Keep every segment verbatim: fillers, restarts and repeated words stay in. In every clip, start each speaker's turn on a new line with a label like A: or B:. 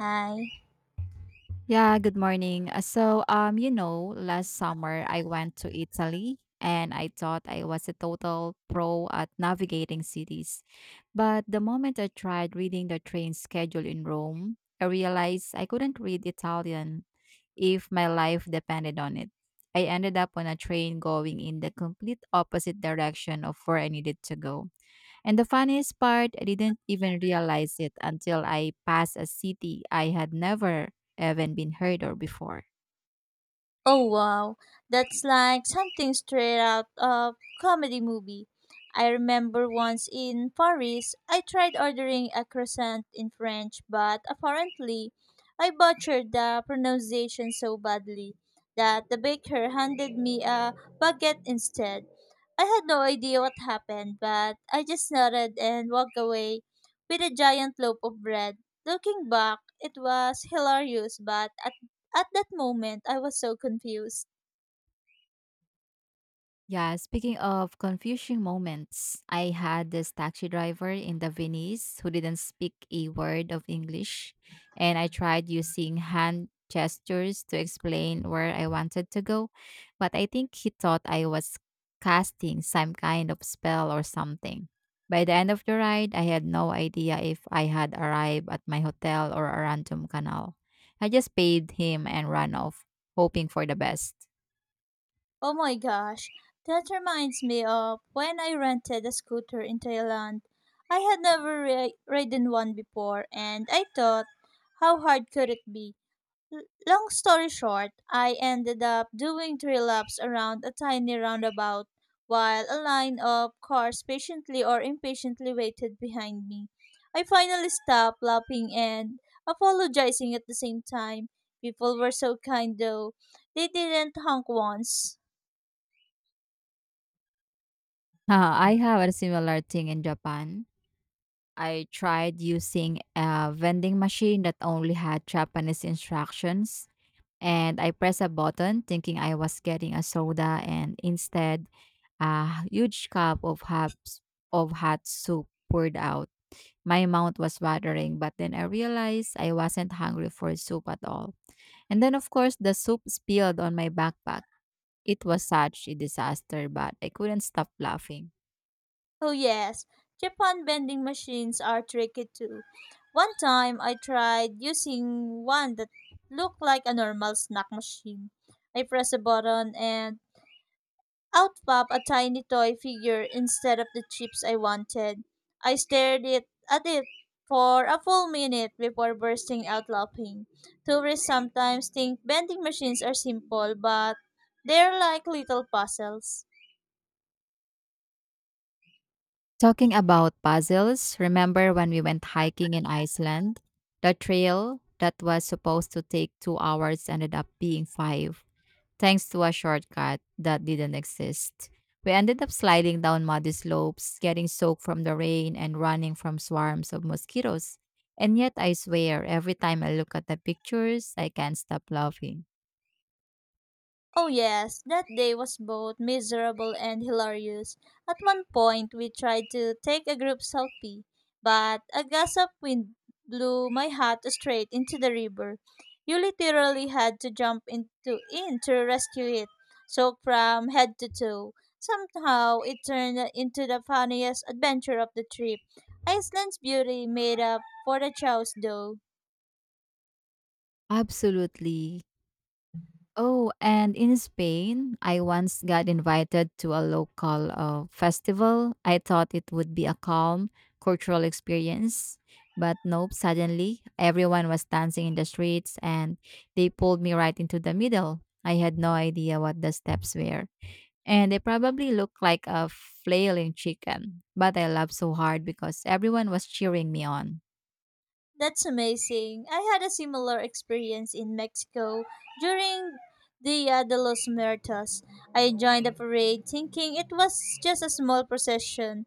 A: Hi.
B: Yeah, good morning. Uh, So, um, you know, last summer I went to Italy and I thought I was a total pro at navigating cities. But the moment I tried reading the train schedule in Rome, I realized I couldn't read Italian if my life depended on it. I ended up on a train going in the complete opposite direction of where I needed to go. And the funniest part, I didn't even realize it until I passed a city I had never even been heard or before.
A: Oh wow, that's like something straight out of comedy movie. I remember once in Paris, I tried ordering a croissant in French, but apparently I butchered the pronunciation so badly that the baker handed me a baguette instead. I had no idea what happened, but I just nodded and walked away with a giant loaf of bread. Looking back, it was hilarious, but at At that moment, I was so confused.
B: Yeah, speaking of confusing moments, I had this taxi driver in the Venice who didn't speak a word of English, and I tried using hand gestures to explain where I wanted to go, but I think he thought I was casting some kind of spell or something. By the end of the ride, I had no idea if I had arrived at my hotel or a random canal. I just paid him and ran off, hoping for the best.
A: Oh my gosh, that reminds me of when I rented a scooter in Thailand. I had never ri- ridden one before, and I thought, how hard could it be? L- Long story short, I ended up doing three laps around a tiny roundabout while a line of cars patiently or impatiently waited behind me. I finally stopped lapping and apologizing at the same time. People were so kind though. They didn't honk once.
B: Uh, I have a similar thing in Japan. I tried using a vending machine that only had Japanese instructions, and I pressed a button thinking I was getting a soda, and instead, a huge cup of hot, of hot soup poured out. My mouth was watering, but then I realized I wasn't hungry for soup at all. And then, of course, the soup spilled on my backpack. It was such a disaster, but I couldn't stop laughing.
A: Oh yes, Japan vending machines are tricky too. One time I tried using one that looked like a normal snack machine. I pressed a button and out popped a tiny toy figure instead of the chips I wanted. I stared it at it for a full minute before bursting out laughing. Tourists sometimes think vending machines are simple, but they're like little puzzles.
B: Talking about puzzles, remember when we went hiking in Iceland? The trail that was supposed to take two hours ended up being five, thanks to a shortcut that didn't exist. We ended up sliding down muddy slopes, getting soaked from the rain, and running from swarms of mosquitoes. And yet, I swear, every time I look at the pictures, I can't stop laughing.
A: Oh, yes, that day was both miserable and hilarious. At one point, we tried to take a group selfie, but a gust of wind blew my hat straight into the river. You literally had to jump into in to rescue it, soaked from head to toe. Somehow, it turned into the funniest adventure of the trip. Iceland's beauty made up for the chaos, though.
B: Absolutely. Oh, and in Spain, I once got invited to a local uh, festival. I thought it would be a calm cultural experience, but nope, suddenly everyone was dancing in the streets and they pulled me right into the middle. I had no idea what the steps were. And they probably looked like a flailing chicken, but I laughed so hard because everyone was cheering me on.
A: That's amazing. I had a similar experience in Mexico during Dia de los Muertos. I joined the parade thinking it was just a small procession.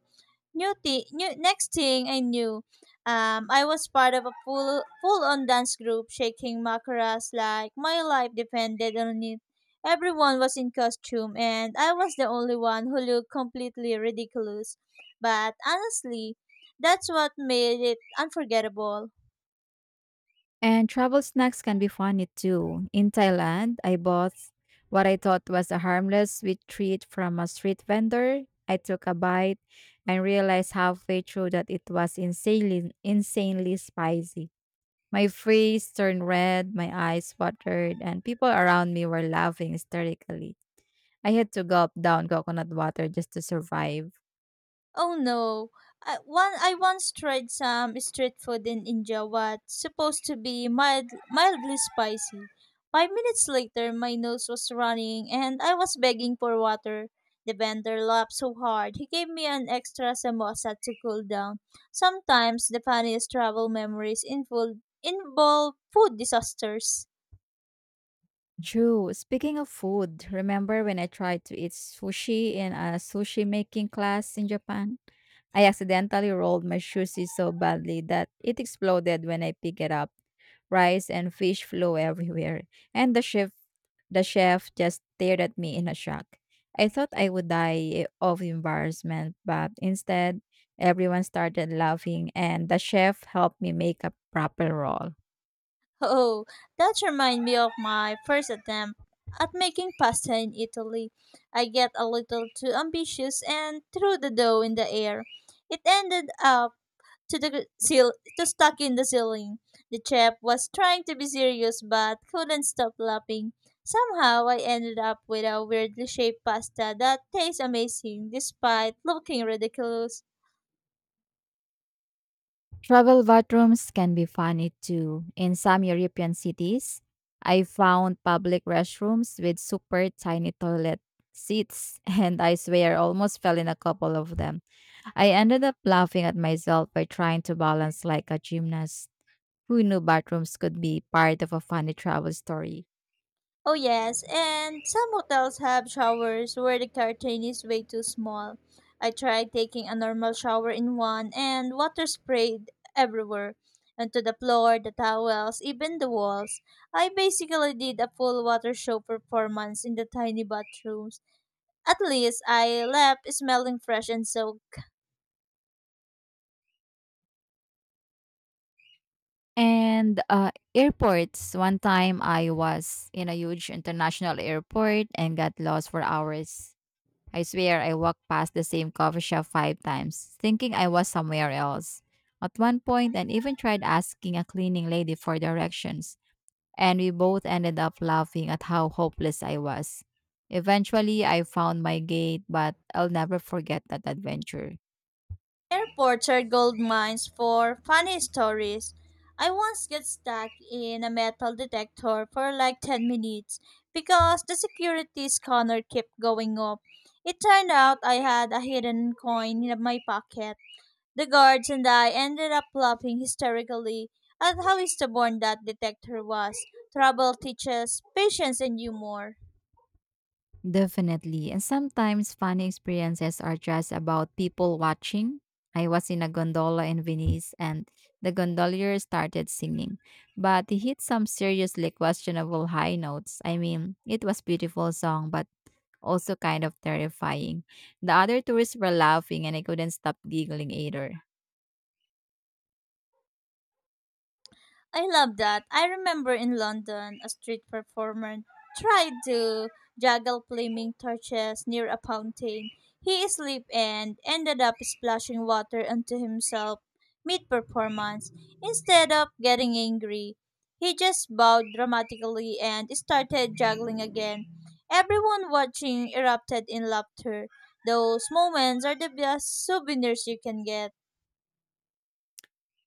A: New thi- new, next thing I knew, um, I was part of a full full on dance group shaking macaras like my life depended on it. Everyone was in costume, and I was the only one who looked completely ridiculous. But honestly, that's what made it unforgettable.
B: And travel snacks can be funny too. In Thailand, I bought what I thought was a harmless sweet treat from a street vendor. I took a bite and realized halfway through that it was insanely, insanely spicy. My face turned red, my eyes watered, and people around me were laughing hysterically. I had to gulp down coconut water just to survive.
A: Oh no. I, one, I once tried some street food in India what's supposed to be mild, mildly spicy. Five minutes later, my nose was running and I was begging for water. The vendor laughed so hard, he gave me an extra samosa to cool down. Sometimes the funniest travel memories involve, involve food disasters.
B: True. Speaking of food, remember when I tried to eat sushi in a sushi making class in Japan? I accidentally rolled my sushi so badly that it exploded when I picked it up. Rice and fish flew everywhere, and the chef the chef just stared at me in a shock. I thought I would die of embarrassment, but instead, everyone started laughing, and the chef helped me make a proper roll.
A: Oh, that reminds me of my first attempt at making pasta in Italy. I get a little too ambitious and threw the dough in the air. It ended up to the ceil- to stuck in the ceiling. The chef was trying to be serious but couldn't stop laughing. Somehow I ended up with a weirdly shaped pasta that tastes amazing despite looking ridiculous.
B: Travel bathrooms can be funny too. In some European cities, I found public restrooms with super tiny toilet seats, and I swear almost fell in a couple of them. I ended up laughing at myself by trying to balance like a gymnast. Who knew bathrooms could be part of a funny travel story?
A: Oh yes, and some hotels have showers where the curtain is way too small. I tried taking a normal shower in one and water sprayed everywhere. Onto the floor, the towels, even the walls. I basically did a full water show performance in the tiny bathrooms. At least I left smelling fresh and so.
B: And uh, airports. One time I was in a huge international airport and got lost for hours. I swear I walked past the same coffee shop five times, thinking I was somewhere else. At one point, I even tried asking a cleaning lady for directions, and we both ended up laughing at how hopeless I was. Eventually, I found my gate, but I'll never forget that adventure.
A: Airports are gold mines for funny stories. I once got stuck in a metal detector for like ten minutes because the security scanner kept going off. It turned out I had a hidden coin in my pocket. The guards and I ended up laughing hysterically at how stubborn that detector was. Trouble teaches patience and humor.
B: Definitely. And sometimes funny experiences are just about people watching. I was in a gondola in Venice and the gondolier started singing, but he hit some seriously questionable high notes. I mean, it was beautiful song but also kind of terrifying. The other tourists were laughing and I couldn't stop giggling either.
A: I love that. I remember in London, a street performer tried to juggle flaming torches near a fountain. He slipped and ended up splashing water onto himself mid performance. Instead of getting angry, he just bowed dramatically and started juggling again. Everyone watching erupted in laughter. Those moments are the best souvenirs you can get.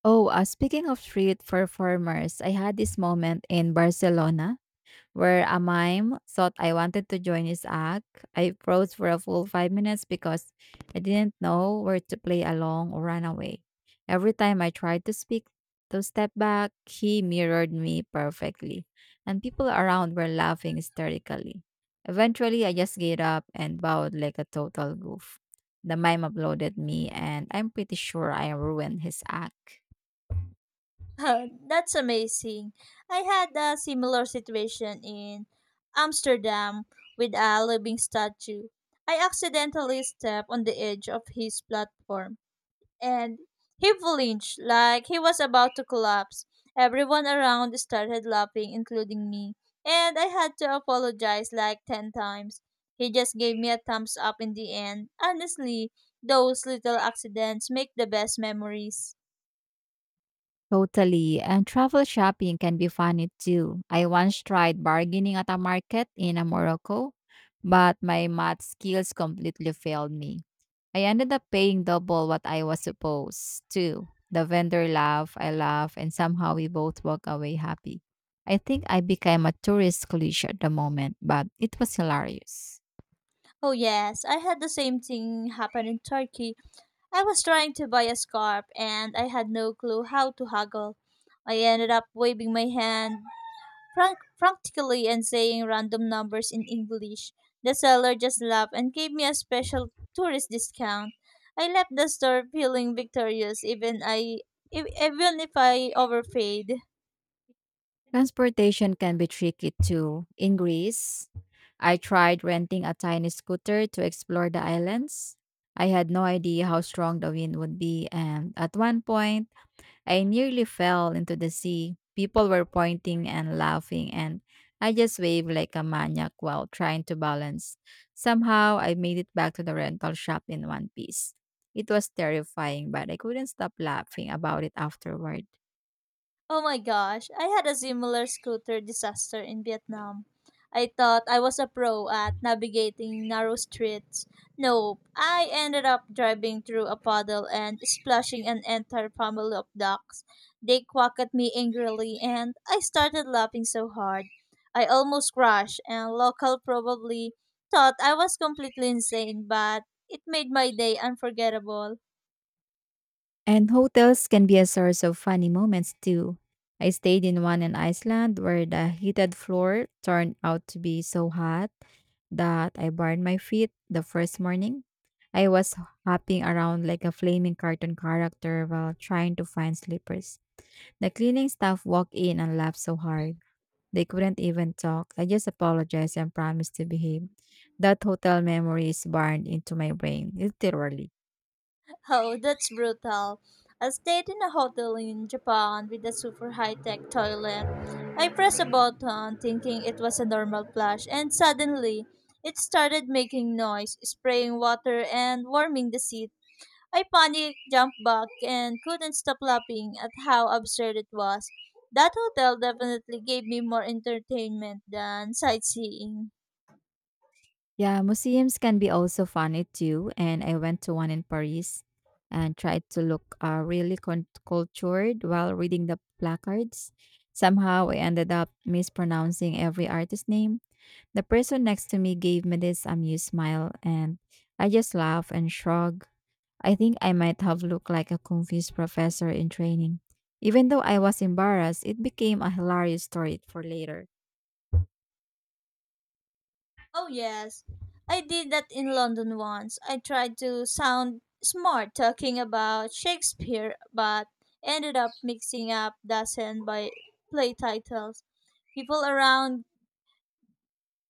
B: Oh, uh, speaking of street performers, I had this moment in Barcelona where a mime thought I wanted to join his act. I froze for a full five minutes because I didn't know where to play along or run away. Every time I tried to speak, to step back, he mirrored me perfectly, and people around were laughing hysterically. Eventually, I just gave up and bowed like a total goof. The mime uploaded me, and I'm pretty sure I ruined his act.
A: That's amazing. I had a similar situation in Amsterdam with a living statue. I accidentally stepped on the edge of his platform and he flinched like he was about to collapse. Everyone around started laughing, including me, and I had to apologize like ten times. He just gave me a thumbs up in the end. Honestly, those little accidents make the best memories.
B: Totally. And travel shopping can be funny too. I once tried bargaining at a market in Morocco, but my math skills completely failed me. I ended up paying double what I was supposed to. The vendor laughed, I laughed, and somehow we both walked away happy. I think I became a tourist cliche at the moment, but it was hilarious.
A: Oh, yes, I had the same thing happen in Turkey. I was trying to buy a scarf and I had no clue how to haggle. I ended up waving my hand frank- frantically and saying random numbers in English. The seller just laughed and gave me a special tourist discount. I left the store feeling victorious even I ev- even if I overpaid.
B: Transportation can be tricky too. In Greece, I tried renting a tiny scooter to explore the islands. I had no idea how strong the wind would be, and at one point, I nearly fell into the sea. People were pointing and laughing, and I just waved like a maniac while trying to balance. Somehow, I made it back to the rental shop in one piece. It was terrifying, but I couldn't stop laughing about it afterward.
A: Oh my gosh, I had a similar scooter disaster in Vietnam. I thought I was a pro at navigating narrow streets. Nope, I ended up driving through a puddle and splashing an entire family of ducks. They quacked at me angrily, and I started laughing so hard. I almost crashed, and local probably thought I was completely insane, but it made my day unforgettable.
B: And hotels can be a source of funny moments too. I stayed in one in Iceland where the heated floor turned out to be so hot that I burned my feet the first morning. I was hopping around like a flaming cartoon character while trying to find slippers. The cleaning staff walked in and laughed so hard. They couldn't even talk. I just apologized and promised to behave. That hotel memory is burned into my brain, literally.
A: Oh, that's brutal. I stayed in a hotel in Japan with a super high tech toilet. I pressed a button thinking it was a normal flush, and suddenly it started making noise, spraying water, and warming the seat. I panicked, jumped back, and couldn't stop laughing at how absurd it was. That hotel definitely gave me more entertainment than sightseeing.
B: Yeah, museums can be also funny too. And I went to one in Paris and tried to look uh, really con- cultured while reading the placards. Somehow I ended up mispronouncing every artist name. The person next to me gave me this amused smile, and I just laughed and shrugged. I think I might have looked like a confused professor in training. Even though I was embarrassed, it became a hilarious story for later.
A: Oh, yes. I did that in London once. I tried to sound smart talking about Shakespeare, but ended up mixing up dozen by play titles. People around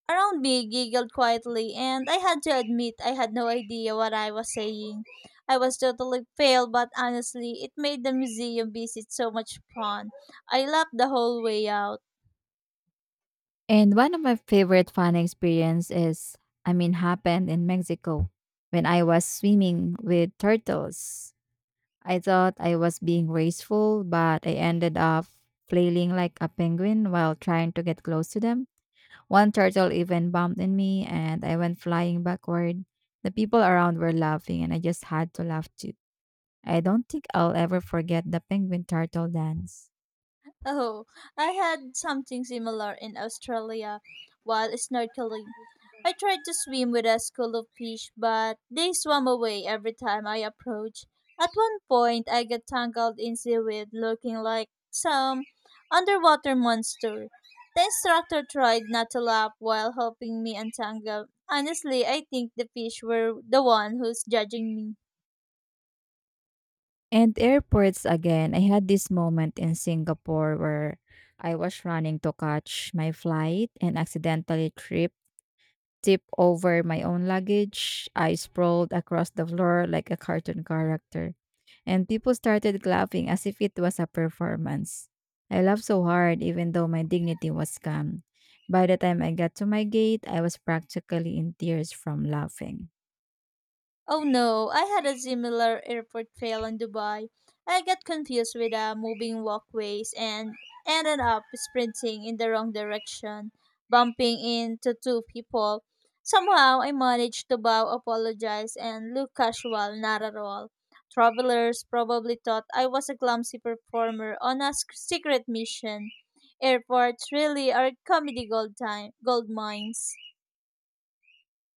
A: around me giggled quietly, and I had to admit I had no idea what I was saying. I was totally failed, but honestly, it made the museum visit so much fun. I laughed the whole way out.
B: And one of my favorite fun experience is, I mean, happened in Mexico when I was swimming with turtles. I thought I was being graceful, but I ended up flailing like a penguin while trying to get close to them. One turtle even bumped in me and I went flying backward. The people around were laughing and I just had to laugh too. I don't think I'll ever forget the penguin turtle dance.
A: Oh, I had something similar in Australia while snorkeling. I tried to swim with a school of fish, but they swam away every time I approached. At one point, I got tangled in seaweed looking like some underwater monster. The instructor tried not to laugh while helping me untangle. Honestly, I think the fish were the one who's judging me.
B: And airports again. I had this moment in Singapore where I was running to catch my flight and accidentally tripped tip over my own luggage. I sprawled across the floor like a cartoon character. And people started laughing as if it was a performance. I laughed so hard, even though my dignity was gone. By the time I got to my gate, I was practically in tears from laughing.
A: Oh no, I had a similar airport fail in Dubai. I got confused with uh, moving walkways and ended up sprinting in the wrong direction, bumping into two people. Somehow I managed to bow, apologize, and look casual, not at all. Travelers probably thought I was a clumsy performer on a sc- secret mission. Airports really are comedy gold time, gold mines.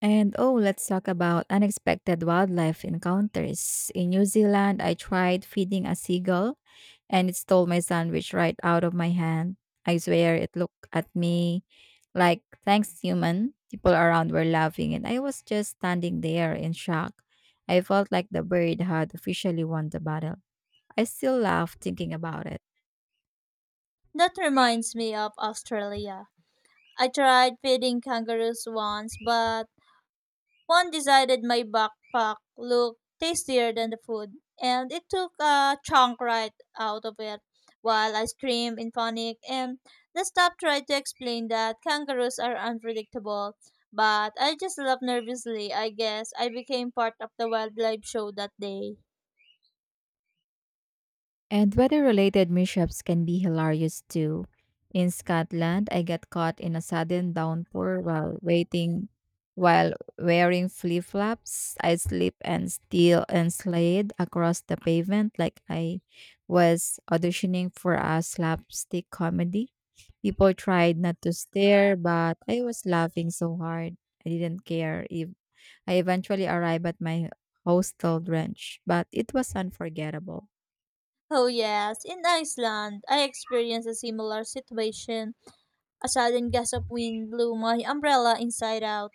B: And oh, let's talk about unexpected wildlife encounters. In New Zealand, I tried feeding a seagull and it stole my sandwich right out of my hand. I swear it looked at me like, thanks, human. People around were laughing and I was just standing there in shock. I felt like the bird had officially won the battle. I still laugh thinking about it.
A: That reminds me of Australia. I tried feeding kangaroos once, but one decided my backpack looked tastier than the food, and it took a chunk right out of it while I screamed in panic. And the staff tried to explain that kangaroos are unpredictable, but I just laughed nervously. I guess I became part of the wildlife show that day.
B: And weather related mishaps can be hilarious too. In Scotland, I got caught in a sudden downpour while waiting while wearing flip flops. I slipped and still and slid across the pavement like I was auditioning for a slapstick comedy. People tried not to stare, but I was laughing so hard. I didn't care if I eventually arrived at my hostel drenched, but it was unforgettable.
A: Oh, yes. In Iceland, I experienced a similar situation. A sudden gust of wind blew my umbrella inside out,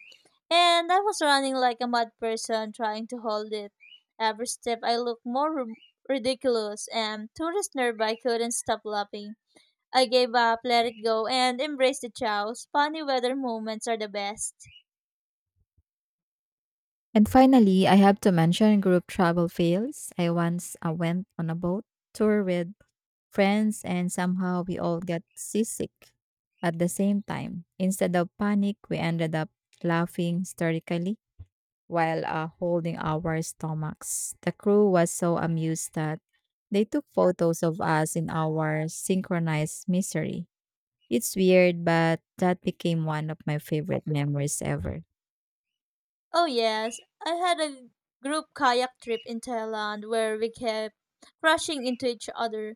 A: and I was running like a mad person trying to hold it. Every step I looked more ri- ridiculous, and tourists nearby couldn't stop laughing. I gave up, let it go, and embraced the chows. Funny weather moments are the best.
B: And finally, I have to mention group travel fails. I once uh, went on a boat tour with friends and somehow we all got seasick at the same time. Instead of panic, we ended up laughing hysterically while uh, holding our stomachs. The crew was so amused that they took photos of us in our synchronized misery. It's weird, but that became one of my favorite memories ever.
A: Oh, yes, I had a group kayak trip in Thailand where we kept crashing into each other.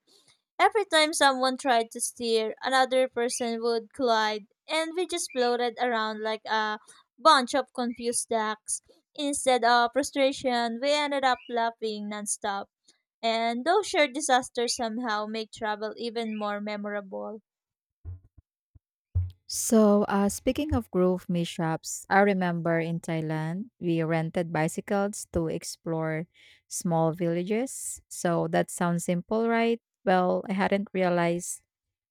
A: Every time someone tried to steer, another person would collide, and we just floated around like a bunch of confused ducks. Instead of frustration, we ended up laughing nonstop. And those shared disasters somehow make travel even more memorable.
B: So, uh, speaking of grove mishaps, I remember in Thailand, we rented bicycles to explore small villages. So, that sounds simple, right? Well, I hadn't realized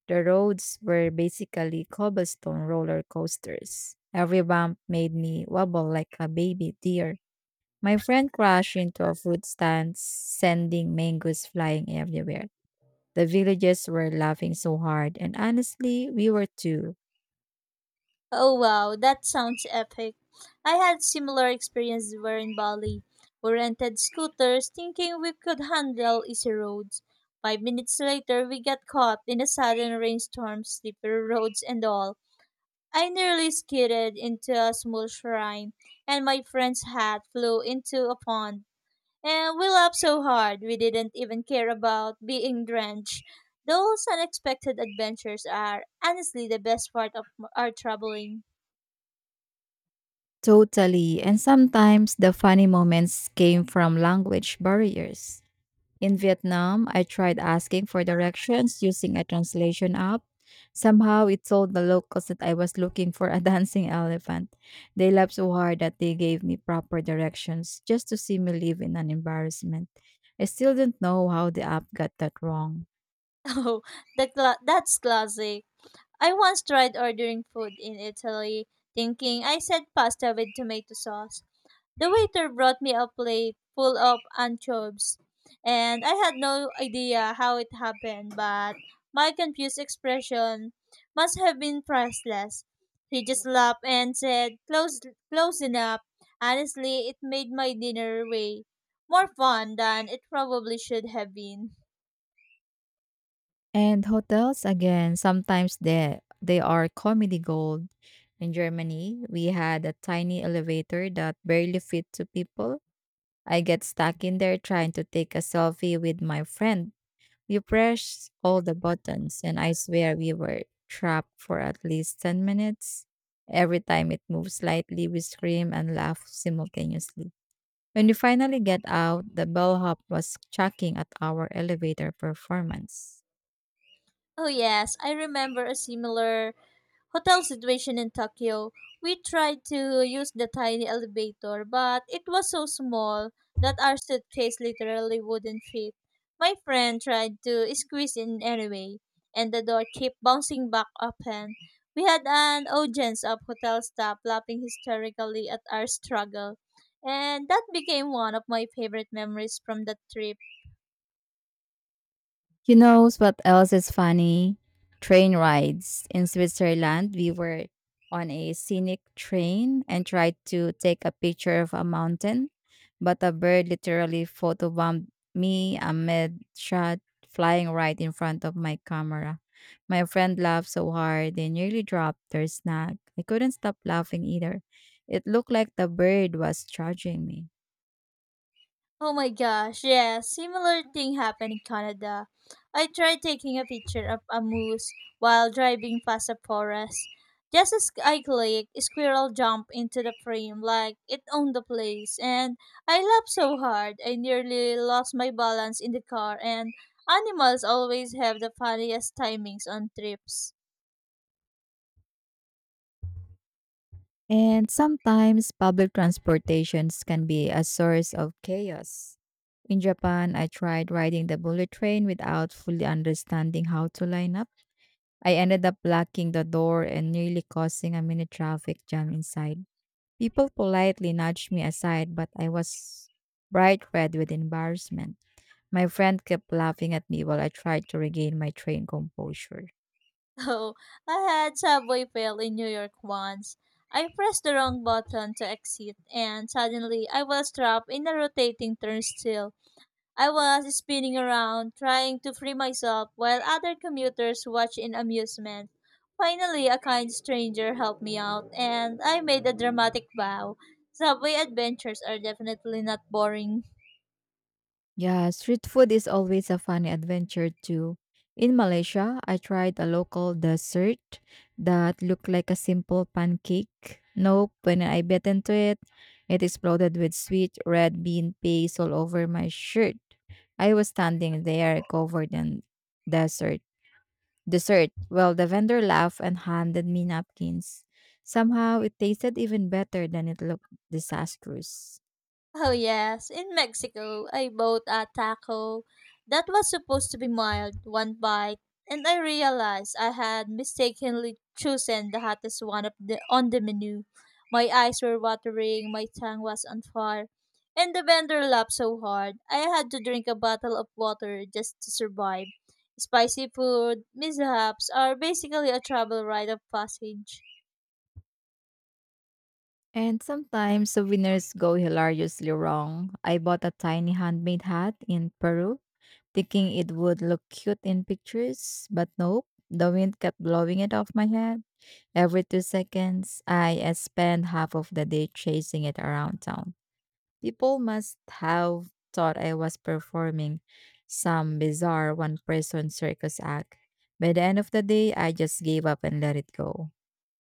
B: the roads were basically cobblestone roller coasters. Every bump made me wobble like a baby deer. My friend crashed into a fruit stand, sending mangoes flying everywhere. The villagers were laughing so hard, and honestly, we were too.
A: Oh wow, that sounds epic. I had similar experience where in Bali. We rented scooters thinking we could handle easy roads. Five minutes later we got caught in a sudden rainstorm, slippery roads and all. I nearly skidded into a small shrine and my friend's hat flew into a pond. And we laughed so hard we didn't even care about being drenched. Those unexpected adventures are honestly the best part of our traveling.
B: Totally. And sometimes the funny moments came from language barriers. In Vietnam, I tried asking for directions using a translation app. Somehow it told the locals that I was looking for a dancing elephant. They laughed so hard that they gave me proper directions just to see me live in an embarrassment. I still don't know how the app got that wrong.
A: Oh, the cla- that's classic. I once tried ordering food in Italy, thinking I said pasta with tomato sauce. The waiter brought me a plate full of anchovies, and I had no idea how it happened, but my confused expression must have been priceless. He just laughed and said, "Close, close enough." Honestly, it made my dinner way more fun than it probably should have been.
B: And hotels again, sometimes they they are comedy gold. In Germany, we had a tiny elevator that barely fit two people. I get stuck in there trying to take a selfie with my friend. We press all the buttons and I swear we were trapped for at least ten minutes. Every time it moves slightly, we scream and laugh simultaneously. When we finally get out, the bellhop was chucking at our elevator performance.
A: Oh, yes, I remember a similar hotel situation in Tokyo. We tried to use the tiny elevator, but it was so small that our suitcase literally wouldn't fit. My friend tried to squeeze in anyway, and the door kept bouncing back open. We had an audience of hotel staff laughing hysterically at our struggle, and that became one of my favorite memories from that trip.
B: You know what else is funny? Train rides. In Switzerland, we were on a scenic train and tried to take a picture of a mountain, but a bird literally photobombed me amid shot flying right in front of my camera. My friend laughed so hard they nearly dropped their snack. I couldn't stop laughing either. It looked like the bird was charging me.
A: Oh my gosh, yeah, similar thing happened in Canada. I tried taking a picture of a moose while driving past a forest. Just as I clicked, a squirrel jumped into the frame like it owned the place, and I laughed so hard I nearly lost my balance in the car. And animals always have the funniest timings on trips.
B: And sometimes public transportations can be a source of chaos. In Japan, I tried riding the bullet train without fully understanding how to line up. I ended up blocking the door and nearly causing a mini traffic jam inside. People politely nudged me aside, but I was bright red with embarrassment. My friend kept laughing at me while I tried to regain my train composure.
A: Oh, I had Subway fail in New York once. I pressed the wrong button to exit, and suddenly I was trapped in a rotating turnstile. I was spinning around, trying to free myself while other commuters watched in amusement. Finally, a kind stranger helped me out, and I made a dramatic vow. Subway adventures are definitely not boring.
B: Yeah, street food is always a funny adventure too. In Malaysia, I tried a local dessert that looked like a simple pancake. Nope, when I bit into it, it exploded with sweet red bean paste all over my shirt. I was standing there covered in dessert. Dessert. Well, the vendor laughed and handed me napkins. Somehow, it tasted even better than it looked disastrous.
A: Oh yes, in Mexico, I bought a taco that was supposed to be mild, one bite, and I realized I had mistakenly chosen the hottest one of the, on the menu. My eyes were watering, my tongue was on fire, and the vendor laughed so hard I had to drink a bottle of water just to survive. Spicy food mishaps are basically a travel rite of passage.
B: And sometimes the winners go hilariously wrong. I bought a tiny handmade hat in Peru, thinking it would look cute in pictures, but nope, the wind kept blowing it off my head. Every two seconds, I uh, spent half of the day chasing it around town. People must have thought I was performing some bizarre one person circus act. By the end of the day, I just gave up and let it go.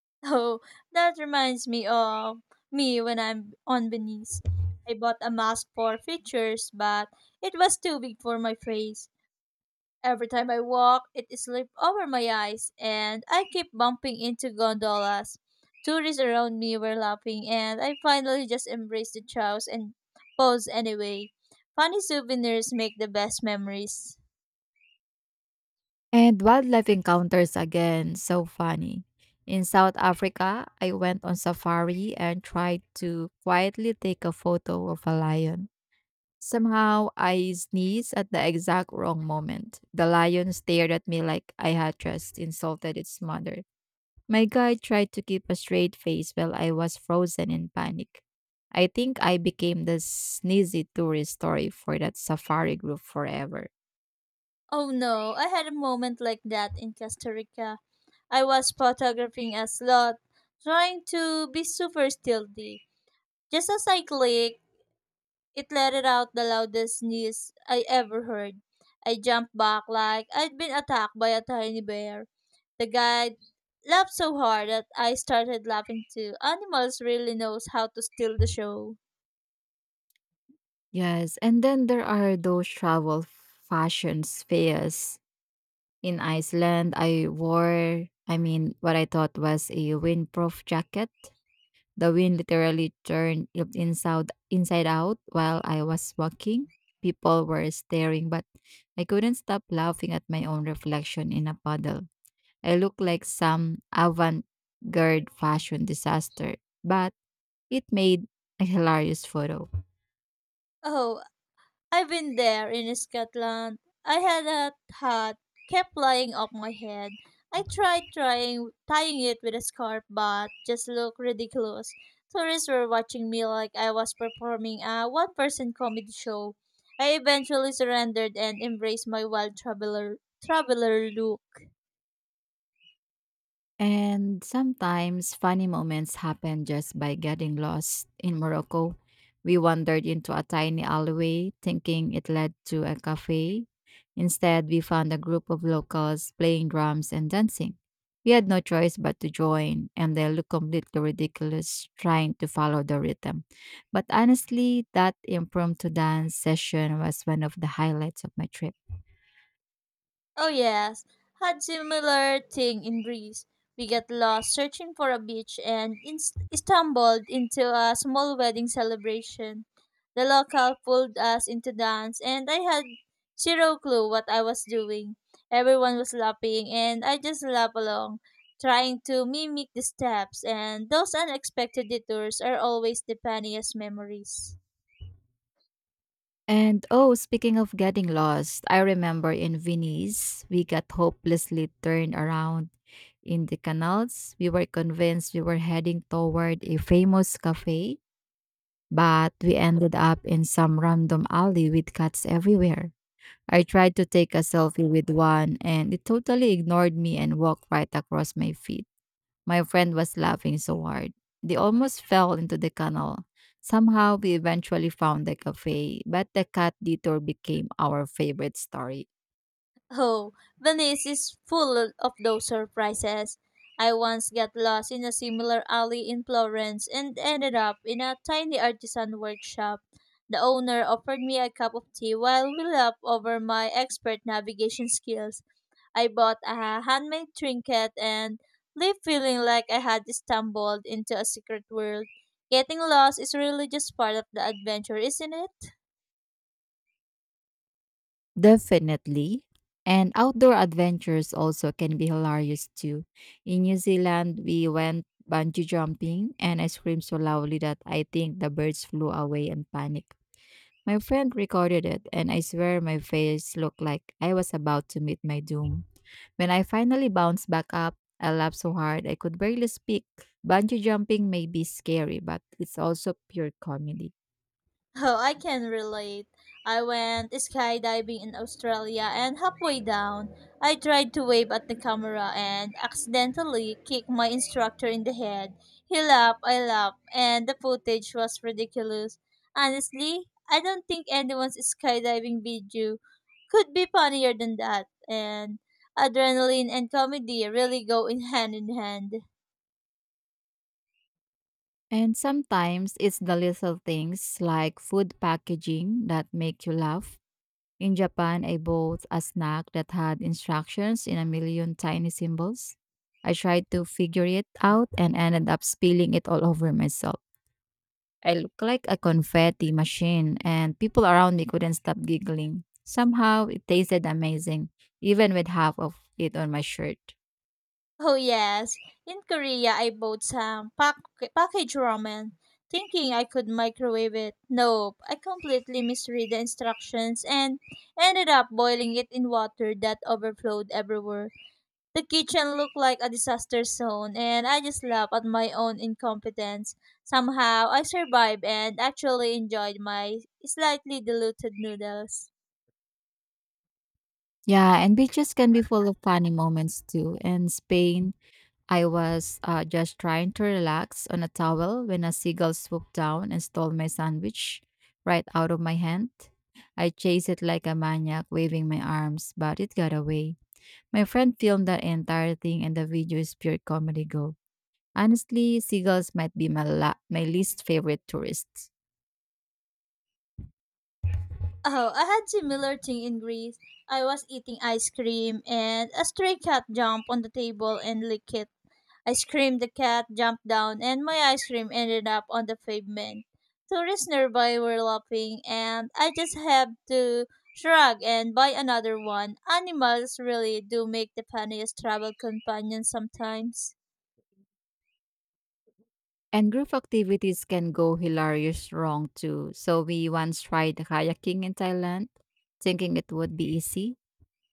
A: Oh, that reminds me of me when I'm on Belize. I bought a mask for features, but it was too big for my face. Every time I walk, it slipped over my eyes, and I keep bumping into gondolas. Tourists around me were laughing, and I finally just embraced the chows and posed anyway. Funny souvenirs make the best memories.
B: And wildlife encounters again, so funny. In South Africa, I went on safari and tried to quietly take a photo of a lion. Somehow, I sneezed at the exact wrong moment. The lion stared at me like I had just insulted its mother. My guide tried to keep a straight face while I was frozen in panic. I think I became the sneezy tourist story for that safari group forever.
A: Oh no, I had a moment like that in Costa Rica. I was photographing a slot, trying to be super stealthy. Just as I clicked, it let it out the loudest sneeze I ever heard. I jumped back like I'd been attacked by a tiny bear. The guide laughed so hard that I started laughing too. Animals really knows how to steal the show.
B: Yes, and then there are those travel fashions fairs in Iceland. I wore, I mean, what I thought was a windproof jacket. The wind literally turned it inside inside out while I was walking. People were staring, but I couldn't stop laughing at my own reflection in a puddle. I looked like some avant-garde fashion disaster, but it made a hilarious photo.
A: Oh, I've been there in Scotland. I had a hat, kept flying off my head. I tried trying tying it with a scarf, but just looked ridiculous. Tourists were watching me like I was performing a one-person comedy show. I eventually surrendered and embraced my wild traveler traveler look.
B: And sometimes funny moments happen just by getting lost in Morocco. We wandered into a tiny alleyway thinking it led to a cafe. Instead, we found a group of locals playing drums and dancing. We had no choice but to join, and they looked completely ridiculous trying to follow the rhythm. But honestly, that impromptu dance session was one of the highlights of my trip.
A: Oh yes, had similar thing in Greece. We got lost searching for a beach and inst- stumbled into a small wedding celebration. The local pulled us into dance and I had zero clue what I was doing. Everyone was laughing and I just laughed along, trying to mimic the steps and those unexpected detours are always the funniest memories.
B: And oh, speaking of getting lost, I remember in Venice, we got hopelessly turned around in the canals. We were convinced we were heading toward a famous cafe, but we ended up in some random alley with cats everywhere. I tried to take a selfie with one, and it totally ignored me and walked right across my feet. My friend was laughing so hard. They almost fell into the canal. Somehow we eventually found the cafe, but the cat detour became our favorite story.
A: Oh, Venice is full of those surprises. I once got lost in a similar alley in Florence and ended up in a tiny artisan workshop. The owner offered me a cup of tea while we laughed over my expert navigation skills. I bought a handmade trinket and left feeling like I had stumbled into a secret world. Getting lost is really just part of the adventure, isn't it?
B: Definitely. And outdoor adventures also can be hilarious too. In New Zealand, we went bungee jumping and I screamed so loudly that I think the birds flew away in panic. My friend recorded it, and I swear my face looked like I was about to meet my doom. When I finally bounced back up, I laughed so hard I could barely speak. Bungee jumping may be scary, but it's also pure comedy.
A: Oh, I can relate. I went skydiving in Australia and halfway down, I tried to wave at the camera and accidentally kicked my instructor in the head. He laughed, I laughed, and the footage was ridiculous. Honestly, I don't think anyone's skydiving video could be funnier than that, and adrenaline and comedy really go in hand in hand.
B: And sometimes it's the little things like food packaging that make you laugh. In Japan, I bought a snack that had instructions in a million tiny symbols. I tried to figure it out and ended up spilling it all over myself. I looked like a confetti machine, and people around me couldn't stop giggling. Somehow, it tasted amazing, even with half of it on my shirt.
A: Oh yes, in Korea I bought some pack- packaged ramen, thinking I could microwave it. Nope, I completely misread the instructions and ended up boiling it in water that overflowed everywhere. The kitchen looked like a disaster zone, and I just laughed at my own incompetence. Somehow I survived and actually enjoyed my slightly diluted noodles.
B: Yeah, and beaches can be full of funny moments too. In Spain, I was uh, just trying to relax on a towel when a seagull swooped down and stole my sandwich right out of my hand. I chased it like a maniac, waving my arms, but it got away. My friend filmed that entire thing, and the video is pure comedy gold. Honestly, seagulls might be my, la- my least favorite tourists.
A: Oh, I had similar thing in Greece. I was eating ice cream and a stray cat jumped on the table and licked it. I screamed the cat jumped down and my ice cream ended up on the pavement. Tourists nearby were laughing and I just had to shrug and buy another one. Animals really do make the funniest travel companions sometimes.
B: And group activities can go hilarious wrong too. So we once tried kayaking in Thailand, thinking it would be easy.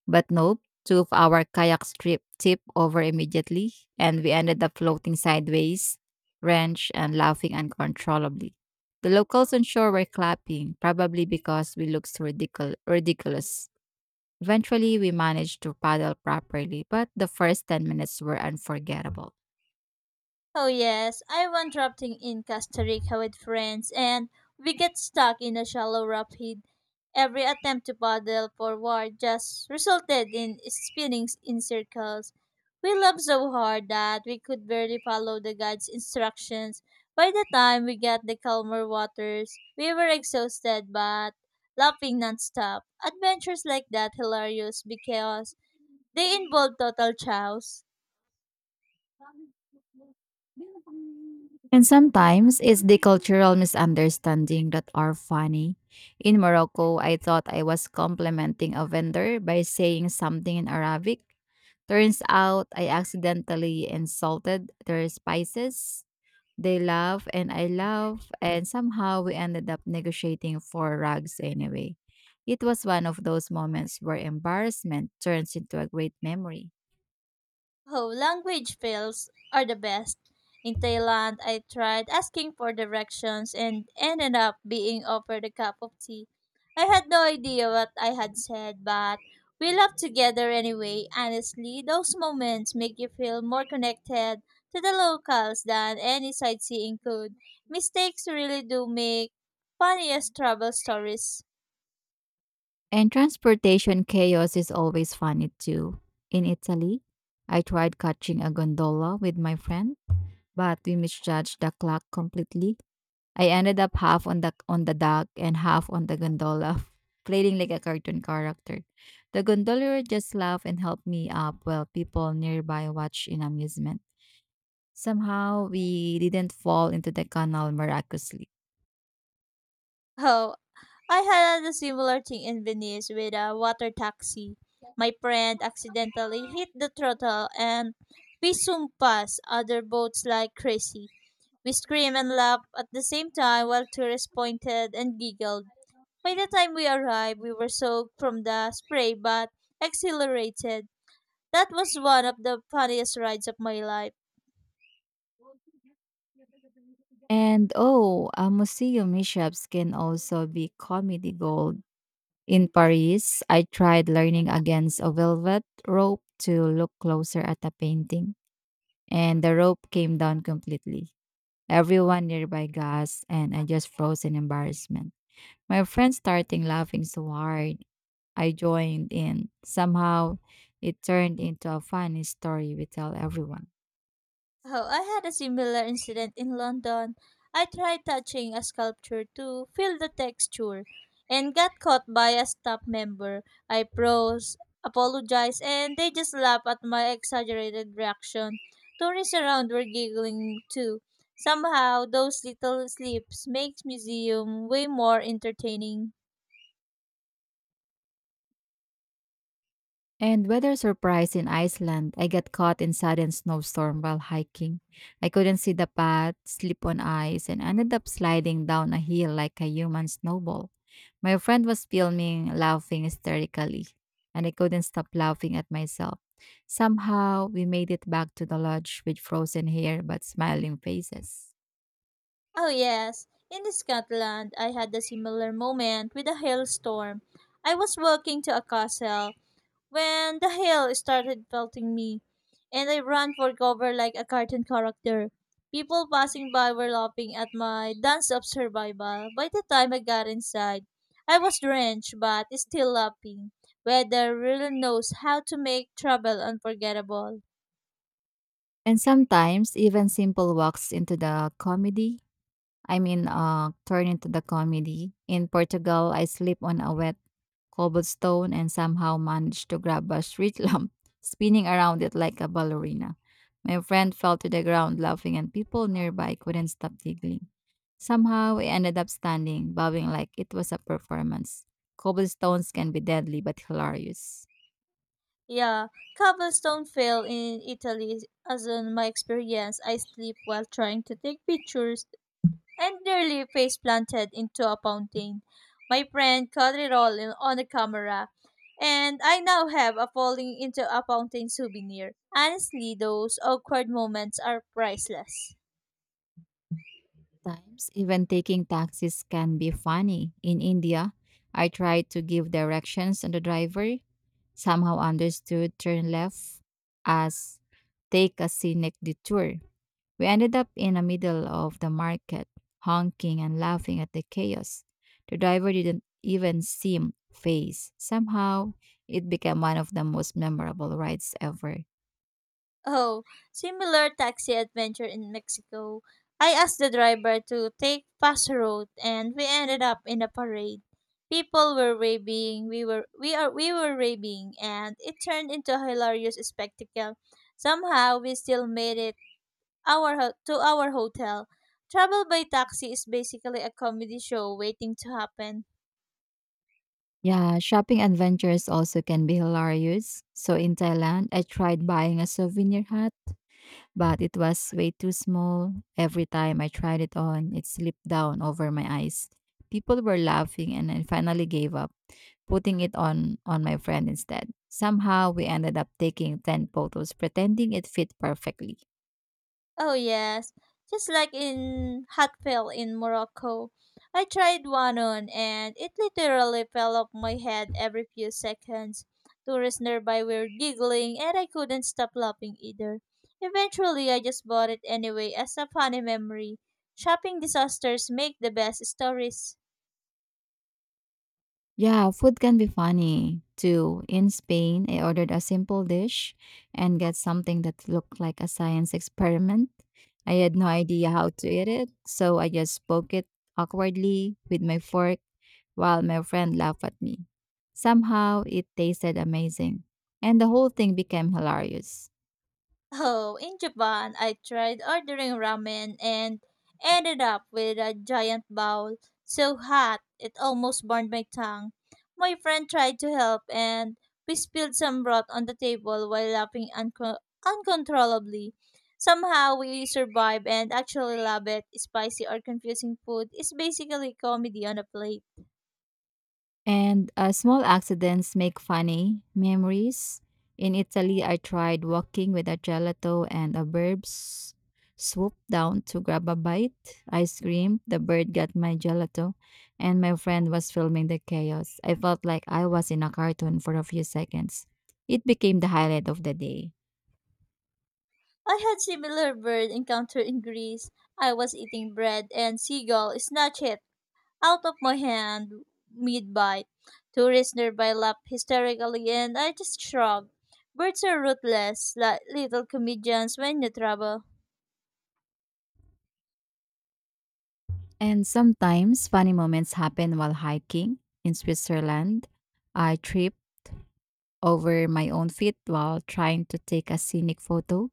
B: But nope, two of our kayaks trip tipped over immediately, and we ended up floating sideways, wrenched, and laughing uncontrollably. The locals on shore were clapping, probably because we looked ridiculous. ridiculous. Eventually, we managed to paddle properly, but the first ten minutes were unforgettable.
A: Oh yes, I went rafting in Costa Rica with friends and we get stuck in a shallow rapid. Every attempt to paddle forward just resulted in spinning in circles. We loved so hard that we could barely follow the guide's instructions. By the time we got the calmer waters, we were exhausted but laughing nonstop. Adventures like that hilarious because they involve total chaos.
B: And sometimes it's the cultural misunderstanding that are funny. In Morocco, I thought I was complimenting a vendor by saying something in Arabic. Turns out I accidentally insulted their spices. They laugh and I laugh, and somehow we ended up negotiating for rugs anyway. It was one of those moments where embarrassment turns into a great memory.
A: Oh, language fails are the best. In Thailand, I tried asking for directions and ended up being offered a cup of tea. I had no idea what I had said, but we laughed together anyway. Honestly, those moments make you feel more connected to the locals than any sightseeing could. Mistakes really do make funniest travel stories.
B: And transportation chaos is always funny too. In Italy, I tried catching a gondola with my friend, but we misjudged the clock completely. I ended up half on the on the dock and half on the gondola, playing like a cartoon character. The gondolier just laughed and helped me up while people nearby watched in amusement. Somehow we didn't fall into the canal miraculously.
A: Oh, I had a similar thing in Venice with a water taxi. My friend accidentally hit the throttle and we soon passed other boats like crazy. We screamed and laughed at the same time while tourists pointed and giggled. By the time we arrived, we were soaked from the spray but exhilarated. That was one of the funniest rides of my life.
B: And oh, uh, museum mishaps can also be comedy gold. In Paris, I tried learning against a velvet rope to look closer at a painting, and the rope came down completely. Everyone nearby gasped, and I just froze in embarrassment. My friends started laughing so hard. I joined in. Somehow, it turned into a funny story we tell everyone.
A: Oh, I had a similar incident in London. I tried touching a sculpture to feel the texture and got caught by a staff member. I froze, apologized, and they just laughed at my exaggerated reaction. Tourists around were giggling too. Somehow, those little slips makes museum way more entertaining.
B: And weather surprise in Iceland, I got caught in sudden snowstorm while hiking. I couldn't see the path, slip on ice, and ended up sliding down a hill like a human snowball. My friend was filming, laughing hysterically, and I couldn't stop laughing at myself. Somehow, we made it back to the lodge with frozen hair but smiling faces.
A: Oh yes, in Scotland, I had a similar moment with a hailstorm. I was walking to a castle when the hail started pelting me, and I ran for cover like a cartoon character. People passing by were laughing at my dance of survival. By the time I got inside, I was drenched but still laughing. Weather really knows how to make trouble unforgettable.
B: And sometimes even simple walks into the comedy. I mean, uh, turn into the comedy. In Portugal, I slip on a wet cobblestone and somehow managed to grab a street lamp, spinning around it like a ballerina. My friend fell to the ground laughing, and people nearby couldn't stop giggling. Somehow, we ended up standing, bowing like it was a performance. Cobblestones can be deadly but hilarious.
A: Yeah, cobblestone fell in Italy as in my experience. I sleep while trying to take pictures and nearly face planted into a fountain. My friend caught it all in, on the camera, and I now have a falling into a fountain souvenir. Honestly, those awkward moments are priceless.
B: Sometimes, even taking taxis can be funny. In India, I tried to give directions and the driver somehow understood turn left as take a scenic detour. We ended up in the middle of the market, honking and laughing at the chaos. The driver didn't even seem phased. Somehow, it became one of the most memorable rides ever.
A: Oh, similar taxi adventure in Mexico. I asked the driver to take fast road and we ended up in a parade. People were raving, we were we are we were raving and it turned into a hilarious spectacle. Somehow we still made it our ho- to our hotel. Travel by taxi is basically a comedy show waiting to happen.
B: Yeah, shopping adventures also can be hilarious. So in Thailand, I tried buying a souvenir hat, but it was way too small. Every time I tried it on, it slipped down over my eyes. People were laughing and I finally gave up, putting it on on my friend instead. Somehow we ended up taking ten photos pretending it fit perfectly.
A: Oh yes, just like in Hatfel in Morocco. I tried one on and it literally fell off my head every few seconds. Tourists nearby were giggling and I couldn't stop laughing either. Eventually, I just bought it anyway as a funny memory. Shopping disasters make the best stories.
B: Yeah, food can be funny too. In Spain, I ordered a simple dish and got something that looked like a science experiment. I had no idea how to eat it, so I just spoke it awkwardly with my fork while my friend laughed at me. Somehow, it tasted amazing, and the whole thing became hilarious.
A: Oh, in Japan, I tried ordering ramen and ended up with a giant bowl so hot it almost burned my tongue. My friend tried to help and we spilled some broth on the table while laughing unco- uncontrollably. Somehow we survived and actually love it. Spicy or confusing food is basically comedy on a plate.
B: And uh, small accidents make funny memories. In Italy, I tried walking with a gelato and a bird s- swooped down to grab a bite. I screamed, the bird got my gelato, and my friend was filming the chaos. I felt like I was in a cartoon for a few seconds. It became the highlight of the day.
A: I had similar bird encounter in Greece. I was eating bread and seagull snatched it out of my hand mid bite. Tourists nearby laughed hysterically, and I just shrugged. Birds are ruthless, like little comedians when you travel.
B: And sometimes funny moments happen while hiking in Switzerland. I tripped over my own feet while trying to take a scenic photo.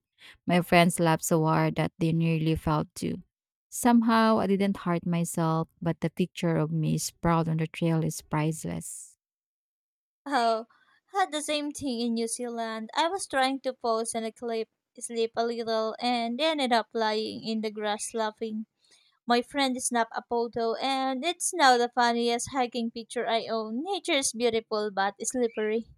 B: My friends laughed so hard that they nearly fell too. Somehow, I didn't hurt myself, but the picture of me sprawled on the trail is priceless.
A: Oh, had the same thing in New Zealand. I was trying to pose and clip, sleep a little, and ended up lying in the grass laughing. My friend snapped a photo, and it's now the funniest hiking picture I own. Nature is beautiful but slippery.